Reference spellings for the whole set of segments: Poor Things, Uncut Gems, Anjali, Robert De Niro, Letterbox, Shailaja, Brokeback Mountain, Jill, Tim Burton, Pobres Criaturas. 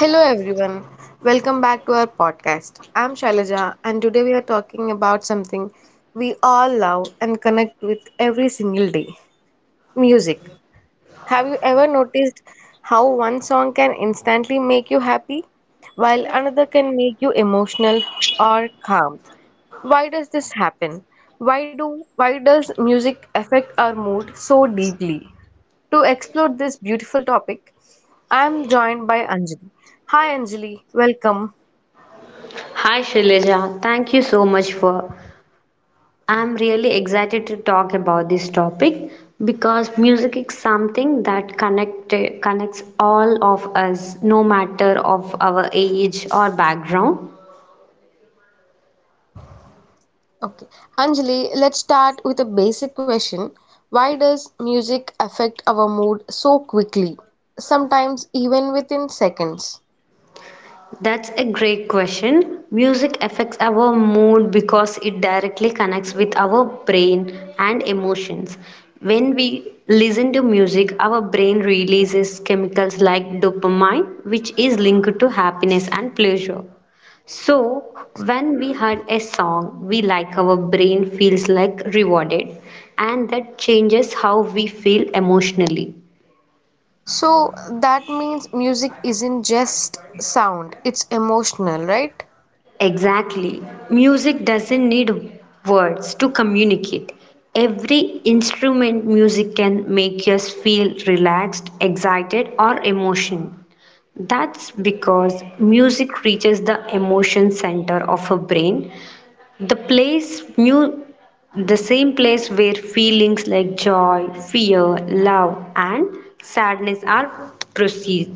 Hello everyone, welcome back to our podcast. I'm Shailaja, and today we are talking about something we all love and connect with every single day music. Have you ever noticed how one song can instantly make you happy while another can make you emotional or calm? Why does this happen? Why does music affect our mood so deeply? To explore this beautiful topic, I am joined by Anjali. Hi Anjali, welcome. Hi Shailaja, thank you so much for. I'm really excited to talk about this topic because music is something that connects all of us, no matter of our age or background. Okay, Anjali, let's start with a basic question. Why does music affect our mood so quickly? Sometimes even within seconds. That's a great question. Music affects our mood because it directly connects with our brain and emotions. When we listen to music, our brain releases chemicals like dopamine, which is linked to happiness and pleasure. So when we heard a song we like, our brain feels like rewarded, and that changes how we feel emotionally. So that means music isn't just sound, it's emotional, right? Exactly. Music doesn't need words to communicate. Every instrument music can make us feel relaxed, excited, or emotion. That's because music reaches the emotion center of a brain, the place mu- the same place where feelings like joy, fear, love, and sadness are processed.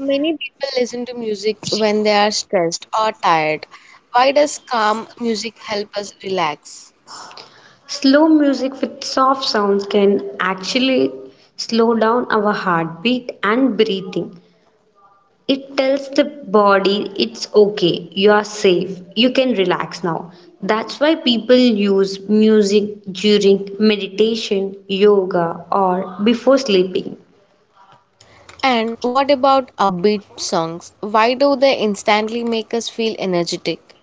Many people listen to music when they are stressed or tired. Why does calm music help us relax? Slow music with soft sounds can actually slow down our heartbeat and breathing. It tells the body it's okay, you are safe, you can relax now. That's why people use music during meditation, yoga, or before sleeping. And what about upbeat songs? Why do they instantly make us feel energetic?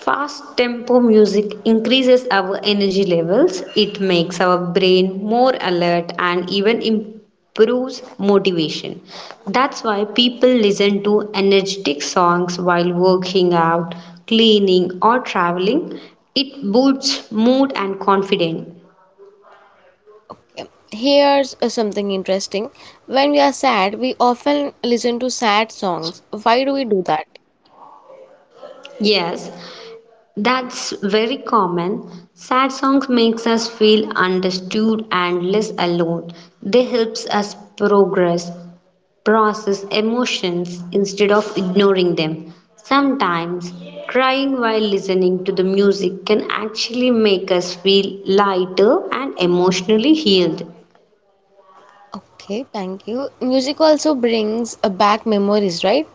Fast tempo music increases our energy levels, it makes our brain more alert and even improves motivation. That's why people listen to energetic songs while working out, cleaning, or traveling. It boosts mood and confidence. Here's something interesting. When we are sad, we often listen to sad songs. Why do we do that? Yes, that's very common. Sad songs makes us feel understood and less alone. They helps us progress. Process emotions instead of ignoring them. Sometimes, crying while listening to the music can actually make us feel lighter and emotionally healed. Okay, thank you. Music also brings back memories, right?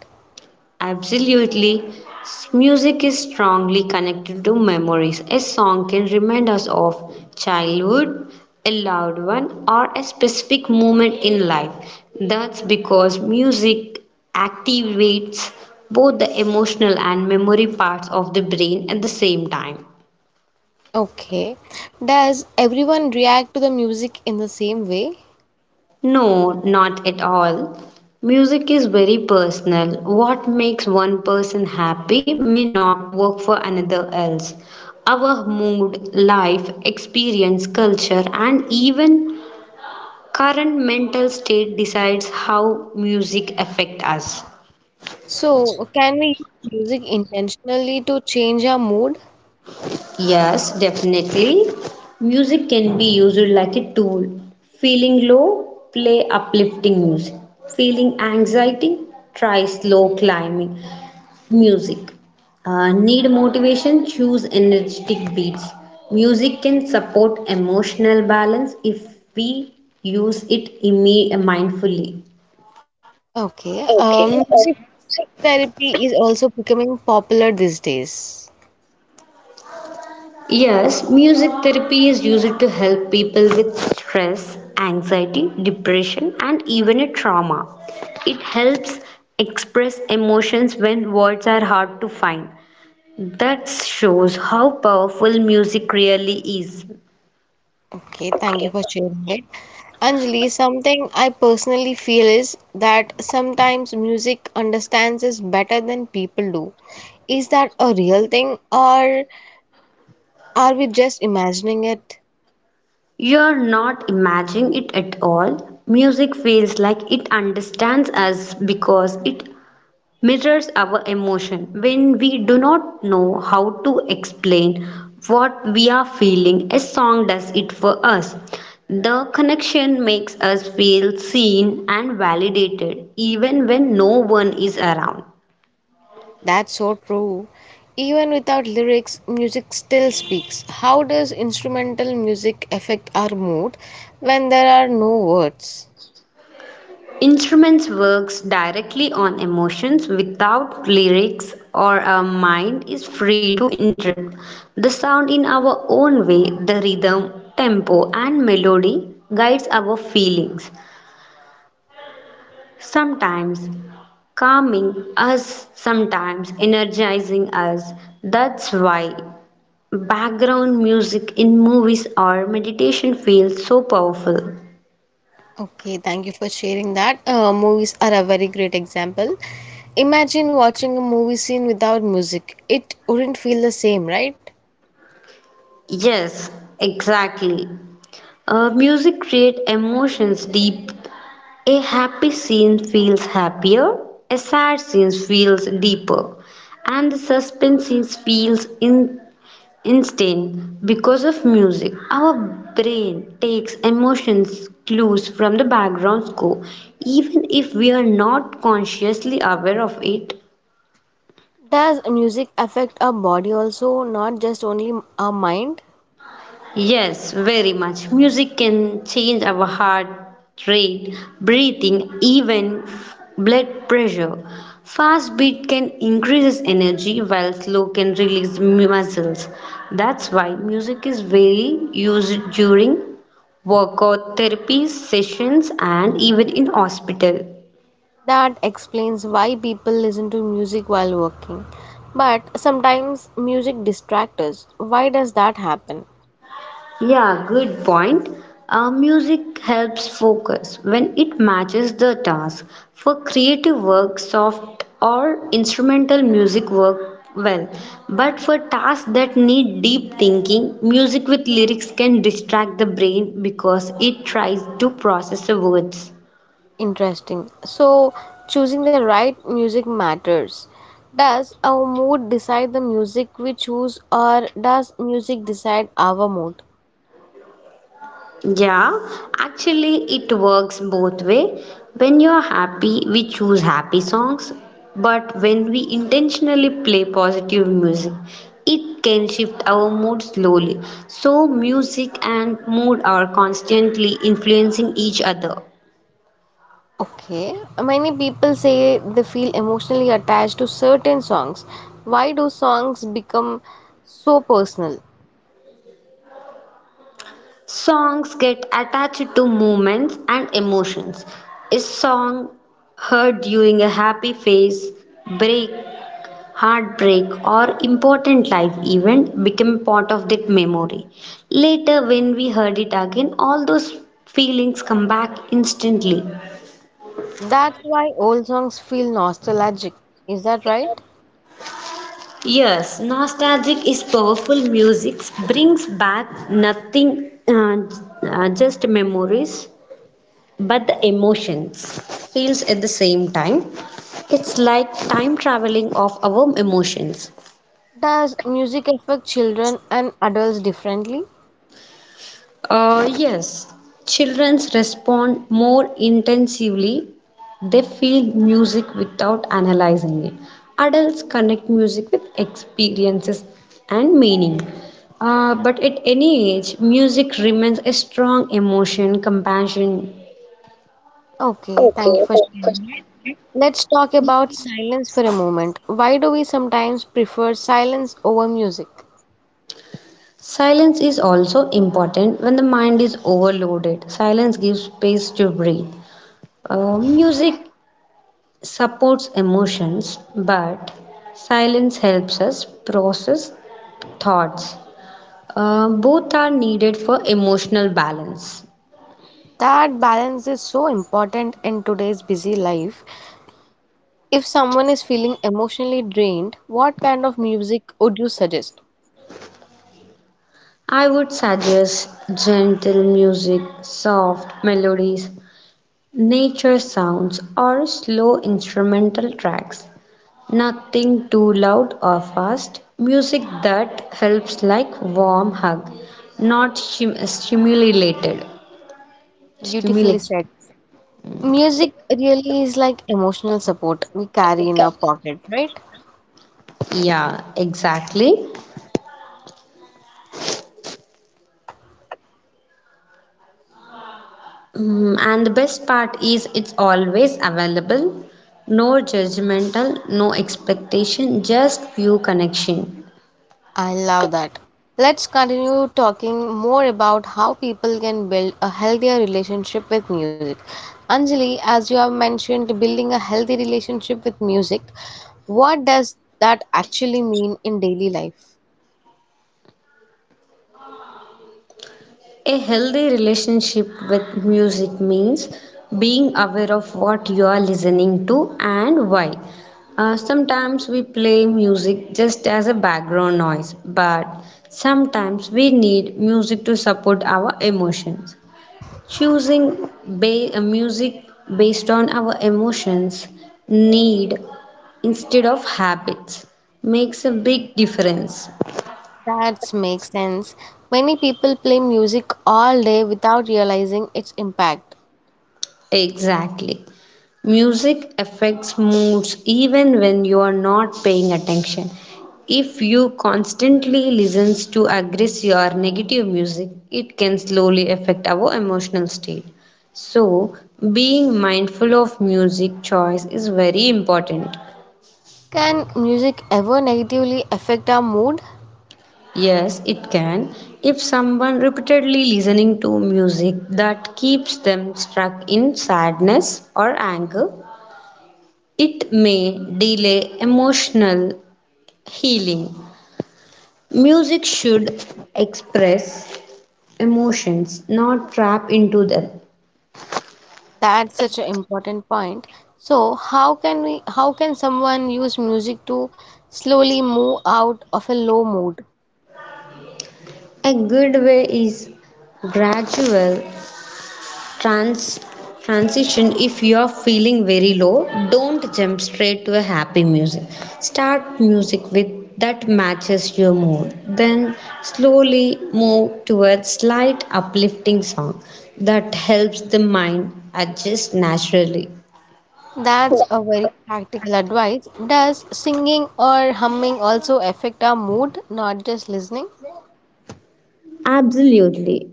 Absolutely. Music is strongly connected to memories. A song can remind us of childhood, a loved one, or a specific moment in life. That's because music activates both the emotional and memory parts of the brain at the same time. Okay. Does everyone react to the music in the same way? No, not at all. Music is very personal. What makes one person happy may not work for another else. Our mood, life, experience, culture, and even current mental state decides how music affect us. So, can we use music intentionally to change our mood? Yes, definitely. Music can be used like a tool. Feeling low, play uplifting music. Feeling anxiety, try slow climbing. Music. Need motivation? Choose energetic beats. Music can support emotional balance if we use mindfully. Okay. Music therapy is also becoming popular these days. Yes, music therapy is used to help people with stress, anxiety, depression, and even a trauma. It helps express emotions when words are hard to find. That shows how powerful music really is. Okay, thank you for sharing it. Anjali, something I personally feel is that sometimes music understands us better than people do. Is that a real thing or are we just imagining it? You're not imagining it at all. Music feels like it understands us because it mirrors our emotion. When we do not know how to explain what we are feeling, a song does it for us. The connection makes us feel seen and validated even when no one is around. That's so true. Even without lyrics, music still speaks. How does instrumental music affect our mood when there are no words? Instruments works directly on emotions without lyrics or our mind is free to interpret the sound in our own way, the rhythm tempo and melody guides our feelings, sometimes calming us, sometimes energizing us. That's why background music in movies or meditation feels so powerful. Okay, thank you for sharing that. Movies are a very great example. Imagine watching a movie scene without music. It wouldn't feel the same, right? Yes, exactly. Music creates emotions deep. A happy scene feels happier, a sad scene feels deeper, and the suspense scene feels instant because of music. Our brain takes emotions clues from the background score, even if we are not consciously aware of it. Does music affect our body also, not just only our mind? Yes, very much. Music can change our heart rate, breathing, even blood pressure. Fast beat can increase energy while slow can release muscles. That's why music is very used during workout therapy sessions and even in hospital. That explains why people listen to music while working. But sometimes music distracts us. Why does that happen? Yeah, good point. Music helps focus when it matches the task. For creative work, soft or instrumental music work well. But for tasks that need deep thinking, music with lyrics can distract the brain because it tries to process the words. Interesting. So, choosing the right music matters. Does our mood decide the music we choose, or does music decide our mood? Yeah, actually it works both way. When you're happy, we choose happy songs, but when we intentionally play positive music, it can shift our mood slowly. So music and mood are constantly influencing each other. Okay, many people say they feel emotionally attached to certain songs. Why do songs become so personal? Songs get attached to moments and emotions. A song heard during a happy phase, break, heartbreak, or important life event became part of that memory. Later, when we heard it again, all those feelings come back instantly. That's why old songs feel nostalgic. Is that right? Yes, nostalgic is powerful music, brings back nothing, just memories, but the emotions feels at the same time. It's like time traveling of our emotions. Does music affect children and adults differently? Yes, children respond more intensively. They feel music without analyzing it. Adults connect music with experiences and meaning. But at any age, music remains a strong emotion, compassion. Okay, thank you for sharing that. Let's talk about silence for a moment. Why do we sometimes prefer silence over music? Silence is also important when the mind is overloaded. Silence gives space to breathe. Music supports emotions, but silence helps us process thoughts. Both are needed for emotional balance. That balance is so important in today's busy life. If someone is feeling emotionally drained, what kind of music would you suggest? I would suggest gentle music, soft melodies, nature sounds, or slow instrumental tracks. Nothing too loud or fast. Music that helps, like warm hug, not stimulated. Beautifully Stimulation. said. Music really is like emotional support we carry in our pocket, right? Yeah, exactly. And the best part is it's always available. No judgmental, no expectation, just pure connection. I love that. Let's continue talking more about how people can build a healthier relationship with music. Anjali, as you have mentioned, building a healthy relationship with music, what does that actually mean in daily life? A healthy relationship with music means being aware of what you are listening to and why. Sometimes we play music just as a background noise, but sometimes we need music to support our emotions. Choosing music based on our emotions, need, instead of habits makes a big difference. That makes sense. Many people play music all day without realizing its impact. Exactly. Music affects moods even when you are not paying attention. If you constantly listens to aggressive or negative music, it can slowly affect our emotional state. So, being mindful of music choice is very important. Can music ever negatively affect our mood? Yes, it can. If someone repeatedly listening to music that keeps them stuck in sadness or anger, it may delay emotional healing. Music should express emotions, not trap into them. That's such an important point. So, how can someone use music to slowly move out of a low mood? A good way is gradual trans transition. If you are feeling very low, don't jump straight to a happy music, start music with that matches your mood, then slowly move towards slight uplifting song. That helps the mind adjust naturally. That's a very practical advice. Does singing or humming also affect our mood, not just listening? Absolutely.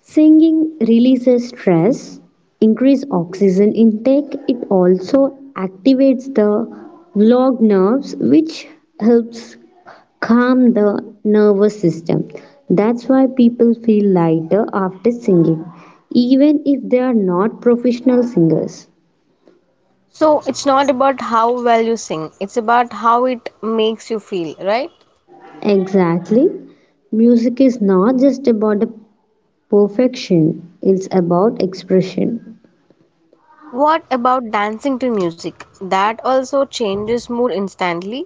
Singing releases stress, increase oxygen intake, it also activates the vagus nerves which helps calm the nervous system. That's why people feel lighter after singing, even if they are not professional singers. So, it's not about how well you sing, it's about how it makes you feel, right? Exactly. Music is not just about the perfection, it's about expression. What about dancing to music? That also changes mood instantly.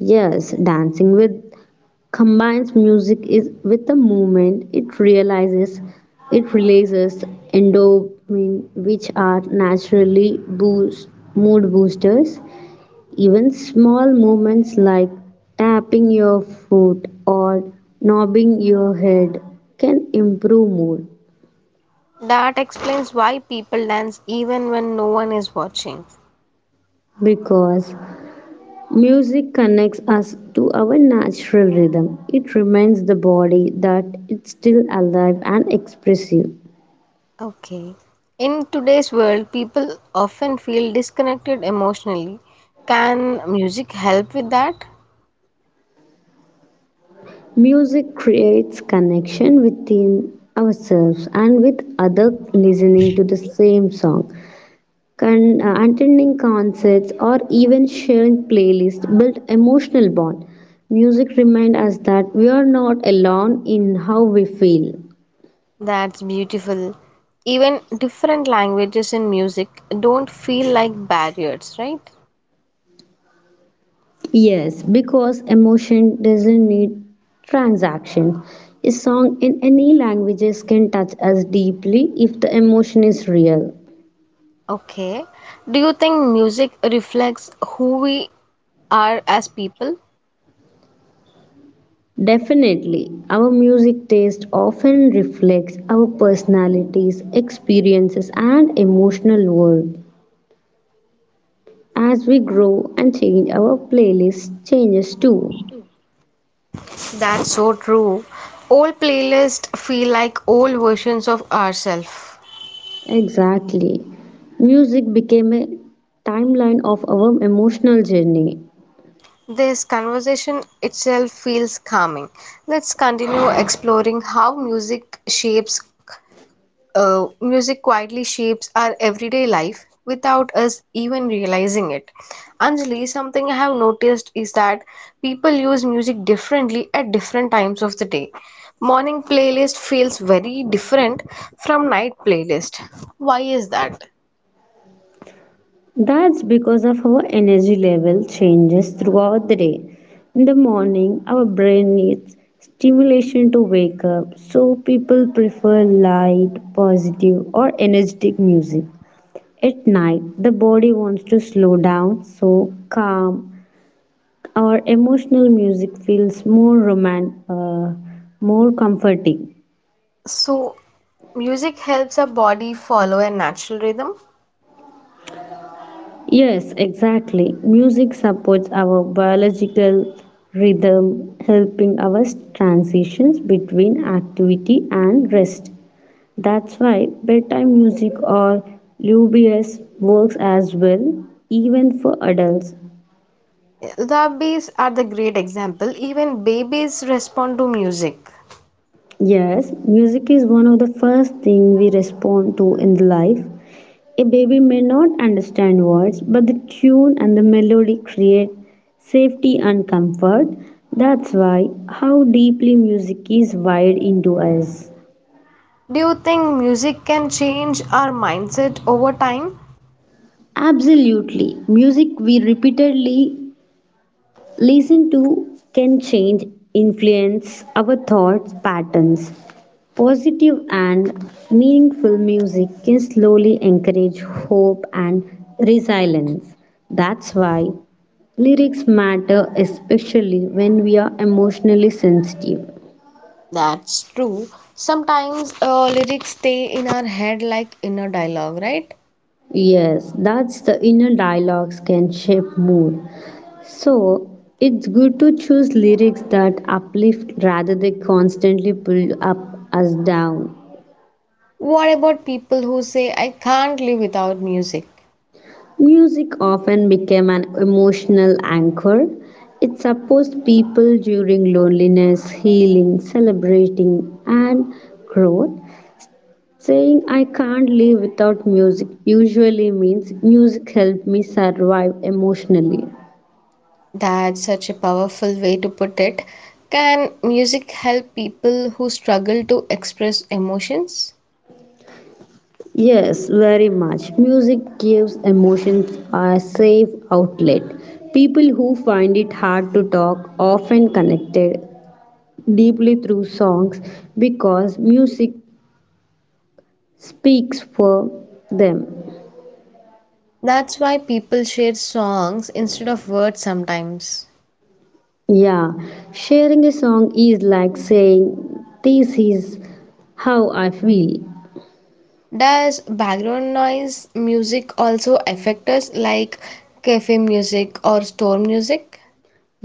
Yes, dancing with combines music is with the movement. It releases endorphin which are naturally boost mood boosters. Even small movements like tapping your foot or nodding your head can improve mood That explains why people dance even when no one is watching. because music connects us to our natural rhythm. It reminds the body that it's still alive and expressive. Okay. In today's world, people often feel disconnected emotionally. Can music help with that? Music creates connection within ourselves and with others listening to the same song. Attending concerts, or even sharing playlists build emotional bond. Music reminds us that we are not alone in how we feel. That's beautiful. Even different languages in music don't feel like barriers, right? Yes, because emotion doesn't need transaction. A song in any languages can touch us deeply if the emotion is real. Okay. Do you think music reflects who we are as people? Definitely, our music taste often reflects our personalities, experiences, and emotional world. As we grow and change, our playlist changes too. That's so true. Old playlists feel like old versions of ourselves. Exactly. Music became a timeline of our emotional journey. This conversation itself feels calming. Let's continue exploring how music quietly shapes our everyday life without us even realizing it. Anjali, something I have noticed is that people use music differently at different times of the day. Morning playlist feels very different from night playlist. Why is that? That's because of our energy level changes throughout the day. In the morning, our brain needs stimulation to wake up, so people prefer light, positive, or energetic music. At night, the body wants to slow down, so calm, our emotional music feels more comforting. So, music helps our body follow a natural rhythm. Yes, exactly. Music supports our biological rhythm, helping our transitions between activity and rest. That's why bedtime music or lullabies works as well, even for adults. The are the great example. Even babies respond to music. Yes, music is one of the first things we respond to in life. A baby may not understand words, but the tune and the melody create safety and comfort. That's why how deeply music is wired into us. Do you think music can change our mindset over time? Absolutely. Music we repeatedly listen to can influence our thoughts, patterns. Positive and meaningful music can slowly encourage hope and resilience. That's why lyrics matter, especially when we are emotionally sensitive. That's true. Sometimes lyrics stay in our head like inner dialogue, right? Yes, that's the inner dialogues can shape mood. So it's good to choose lyrics that uplift rather than constantly pull up us down. What about people who say, I can't live without music? Music often became an emotional anchor. It supports people during loneliness, healing, celebrating, and growth. Saying I can't live without music usually means music helped me survive emotionally. That's such a powerful way to put it. Can music help people who struggle to express emotions? Yes, very much. Music gives emotions a safe outlet. People who find it hard to talk often connected deeply through songs because music speaks for them. That's why people share songs instead of words sometimes. Yeah, sharing a song is like saying, this is how I feel. Does background noise music also affect us like cafe music or store music?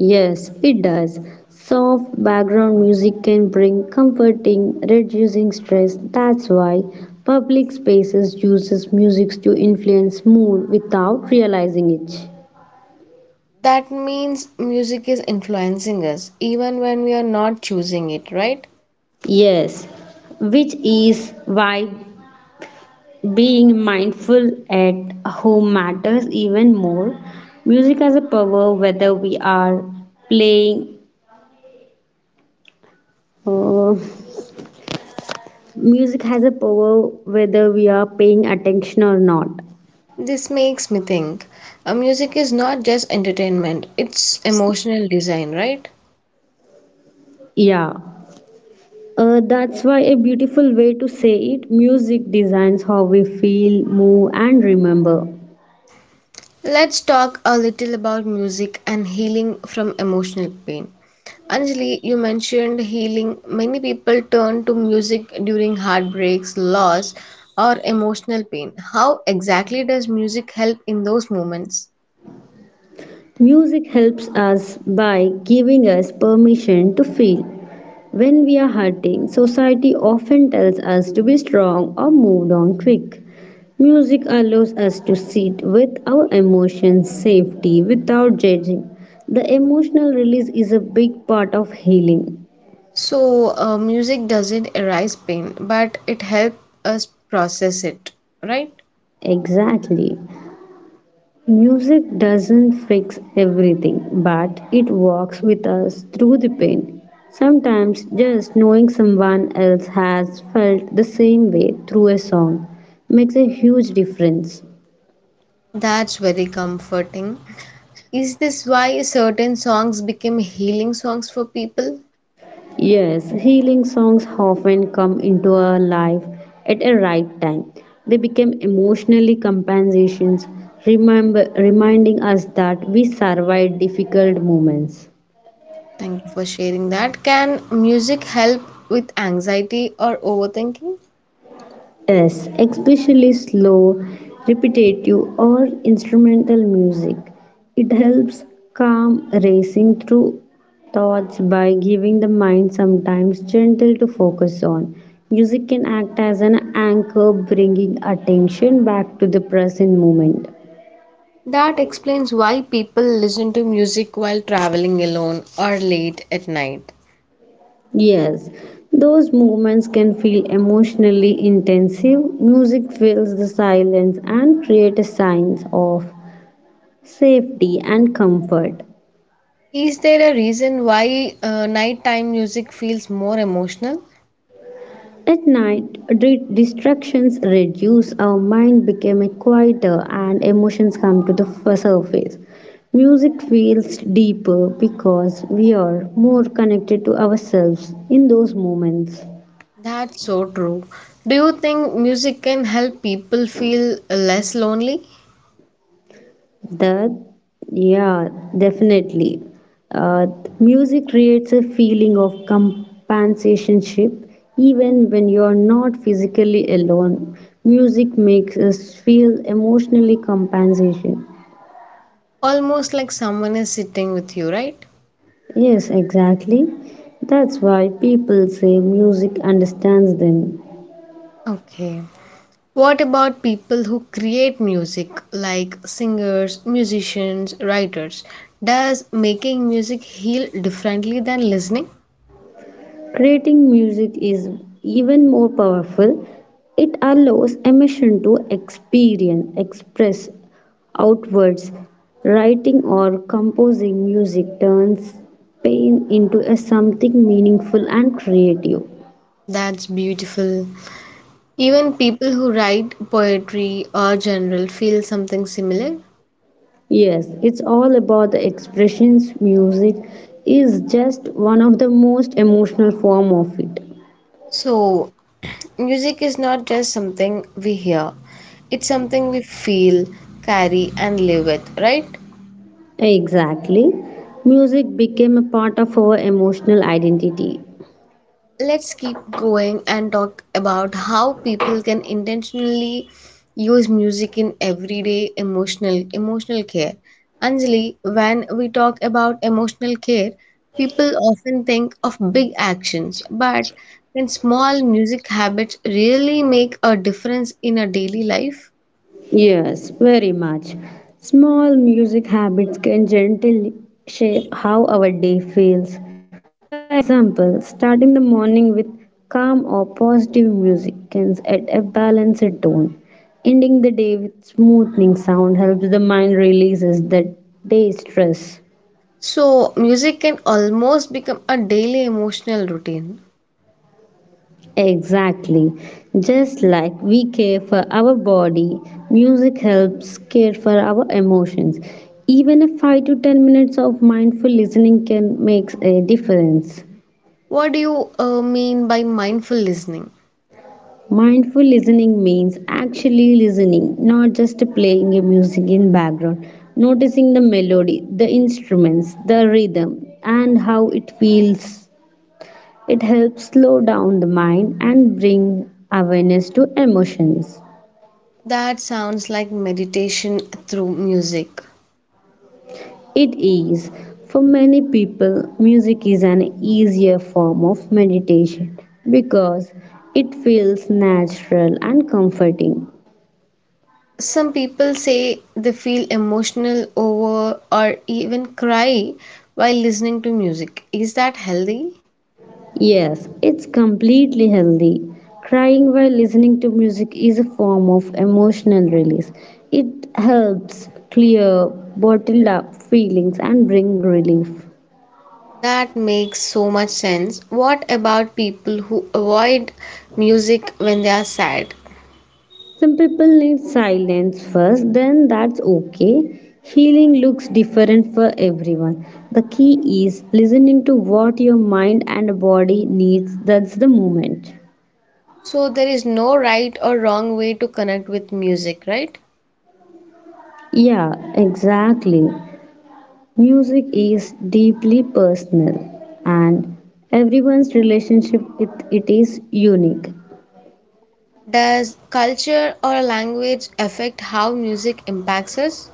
Yes, it does. Soft background music can bring comforting, reducing stress. That's why public spaces uses music to influence mood without realizing it. That means music is influencing us even when we are not choosing it, right? Yes, which is why being mindful at home matters even more. Music has a power whether we are playing uh, Music has a power whether we are paying attention or not. This makes me think. Music is not just entertainment, it's emotional design, right? Yeah. That's why a beautiful way to say it music designs how we feel, move, and remember. Let's talk a little about music and healing from emotional pain. Anjali, you mentioned healing. Many people turn to music during heartbreaks, loss, or emotional pain. How exactly does music help in those moments? Music helps us by giving us permission to feel. When we are hurting, society often tells us to be strong or moved on quick. Music allows us to sit with our emotions safely without judging. The emotional release is a big part of healing. So, music doesn't erase pain, but it helps us process it, right? Exactly. Music doesn't fix everything, but it walks with us through the pain. Sometimes just knowing someone else has felt the same way through a song makes a huge difference. That's very comforting. Is this why certain songs became healing songs for people? Yes, healing songs often come into our life at a right time. They become emotionally compensations, remember, reminding us that we survived difficult moments. Thank you for sharing that. Can music help with anxiety or overthinking? Yes, especially slow, repetitive, or instrumental music. It helps calm racing through thoughts by giving the mind sometimes gentle to focus on. Music can act as an anchor, bringing attention back to the present moment. That explains why people listen to music while traveling alone or late at night. Yes, those movements can feel emotionally intensive. Music fills the silence and creates a sense of safety and comfort. Is there a reason why nighttime music feels more emotional? At night, distractions reduce, our mind becomes quieter, and emotions come to the surface. Music feels deeper because we are more connected to ourselves in those moments. That's so true. Do you think music can help people feel less lonely? That, yeah, definitely. Uh, Music creates a feeling of companionship, even when you're not physically alone. Music makes us feel emotionally compensation. Almost like someone is sitting with you, right? Yes, exactly. That's why people say music understands them. Okay. What about people who create music, like singers, musicians, writers? Does making music heal differently than listening? Creating music is even more powerful. It allows emotion to experience, express outwards. Writing or composing music turns pain into a something meaningful and creative. That's beautiful. Even people who write poetry or general feel something similar. Yes, it's all about the expressions. Music is just one of the most emotional form of it. So, music is not just something we hear, it's something we feel, carry, and live with, right? Exactly. Music became a part of our emotional identity. Let's keep going and talk about how people can intentionally use music in everyday emotional care. Anjali, when we talk about emotional care, people often think of big actions, but can small music habits really make a difference in a daily life? Yes, very much. Small music habits can gently shape how our day feels. For example, starting the morning with calm or positive music can set a balanced tone. Ending the day with smoothing sound helps the mind releases the day's stress. So, music can almost become a daily emotional routine. Exactly. Just like we care for our body, music helps care for our emotions. Even a 5 to 10 minutes of mindful listening can make a difference. What do you mean by mindful listening? Mindful listening means actually listening, not just playing a music in background, noticing the melody, the instruments, the rhythm and how it feels. It helps slow down the mind and bring awareness to emotions. That sounds like meditation through music. It is, for many people, music is an easier form of meditation because it feels natural and comforting. Some people say they feel emotional over or even cry while listening to music. Is that healthy? Yes, it's completely healthy. Crying while listening to music is a form of emotional release. It helps clear bottled up feelings and bring relief. That makes so much sense. What about people who avoid music when they are sad? Some people need silence first, then that's okay. Healing looks different for everyone. The key is listening to what your mind and body needs. That's the moment. So there is no right or wrong way to connect with music, right? Yeah, exactly. Music is deeply personal, and everyone's relationship with it is unique. Does culture or language affect how music impacts us?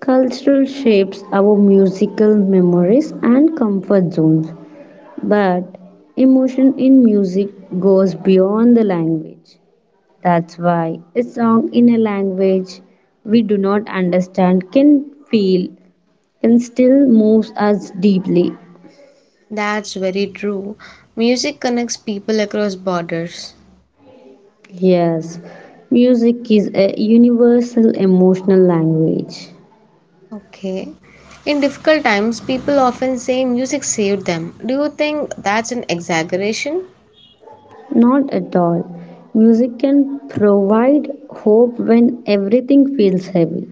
Cultural shapes our musical memories and comfort zones. But emotion in music goes beyond the language. That's why a song in a language we do not understand can feel can still moves us deeply. That's very true. Music connects people across borders. Yes, music is a universal emotional language. Okay. In difficult times, people often say music saved them. Do you think that's an exaggeration? Not at all. Music can provide hope when everything feels heavy.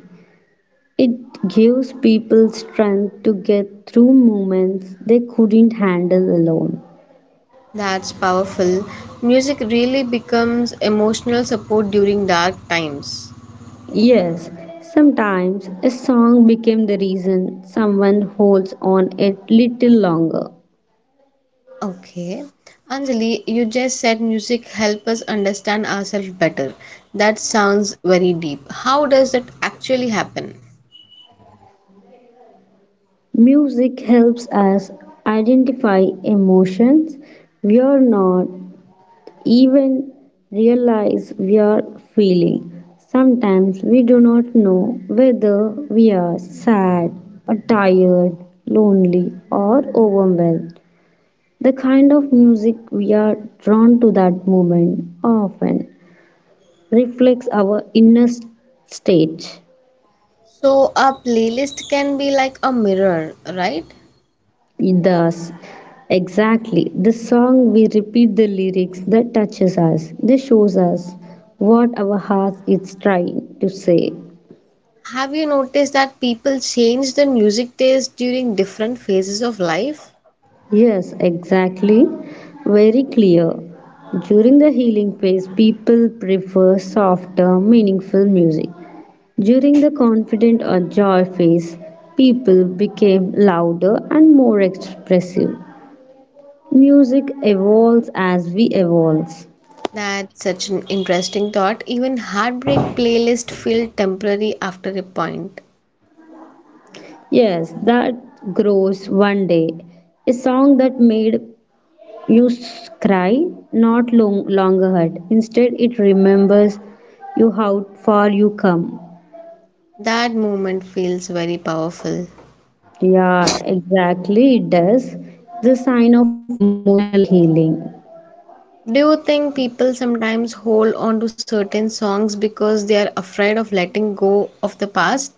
It gives people strength to get through moments they couldn't handle alone. That's powerful. Music really becomes emotional support during dark times. Yes, sometimes a song became the reason someone holds on it little longer. Okay. Anjali, you just said music help us understand ourselves better. That sounds very deep. How does that actually happen? Music helps us identify emotions we are not even realize we are feeling. Sometimes we do not know whether we are sad or tired, lonely or overwhelmed. The kind of music we are drawn to that moment often reflects our inner state. So a playlist can be like a mirror, right? Thus, exactly the song we repeat the lyrics that touches us, that shows us what our heart is trying to say. Have you noticed that people change their music taste during different phases of life? Yes, exactly. Very clear. During the healing phase, people prefer softer, meaningful music. During the confident or joy phase, people became louder and more expressive. Music evolves as we evolve. That's such an interesting thought. Even heartbreak playlists feel temporary after a point. Yes, that grows one day. A song that made you cry not long, longer hurt. Instead, it remembers you how far you come. That moment feels very powerful. Yeah, exactly. It does. The sign of emotional healing. Do you think people sometimes hold on to certain songs because they are afraid of letting go of the past?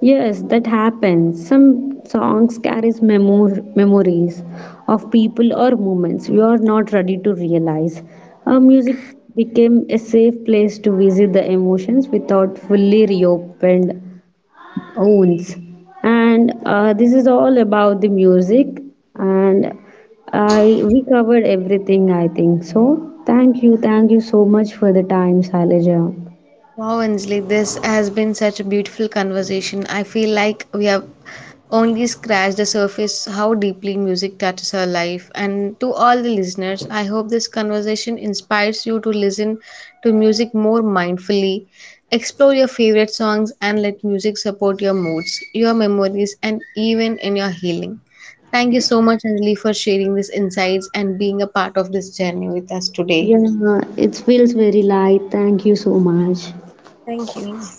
Yes, that happens. Some songs carries memories of people or moments you are not ready to realize. Music became a safe place to visit the emotions without fully reopened owns. And this is all about the music. And I We covered everything, I think so. Thank you, thank you so much for the time, Shailaja. Wow, Anjali, this has been such a beautiful conversation. I feel like we have only scratched the surface how deeply music touches our life. And to all the listeners, I hope this conversation inspires you to listen to music more mindfully. Explore your favorite songs and let music support your moods, your memories, and even in your healing. Thank you so much, Anjali, for sharing these insights and being a part of this journey with us today. Yeah, it feels very light. Thank you so much. Thank you.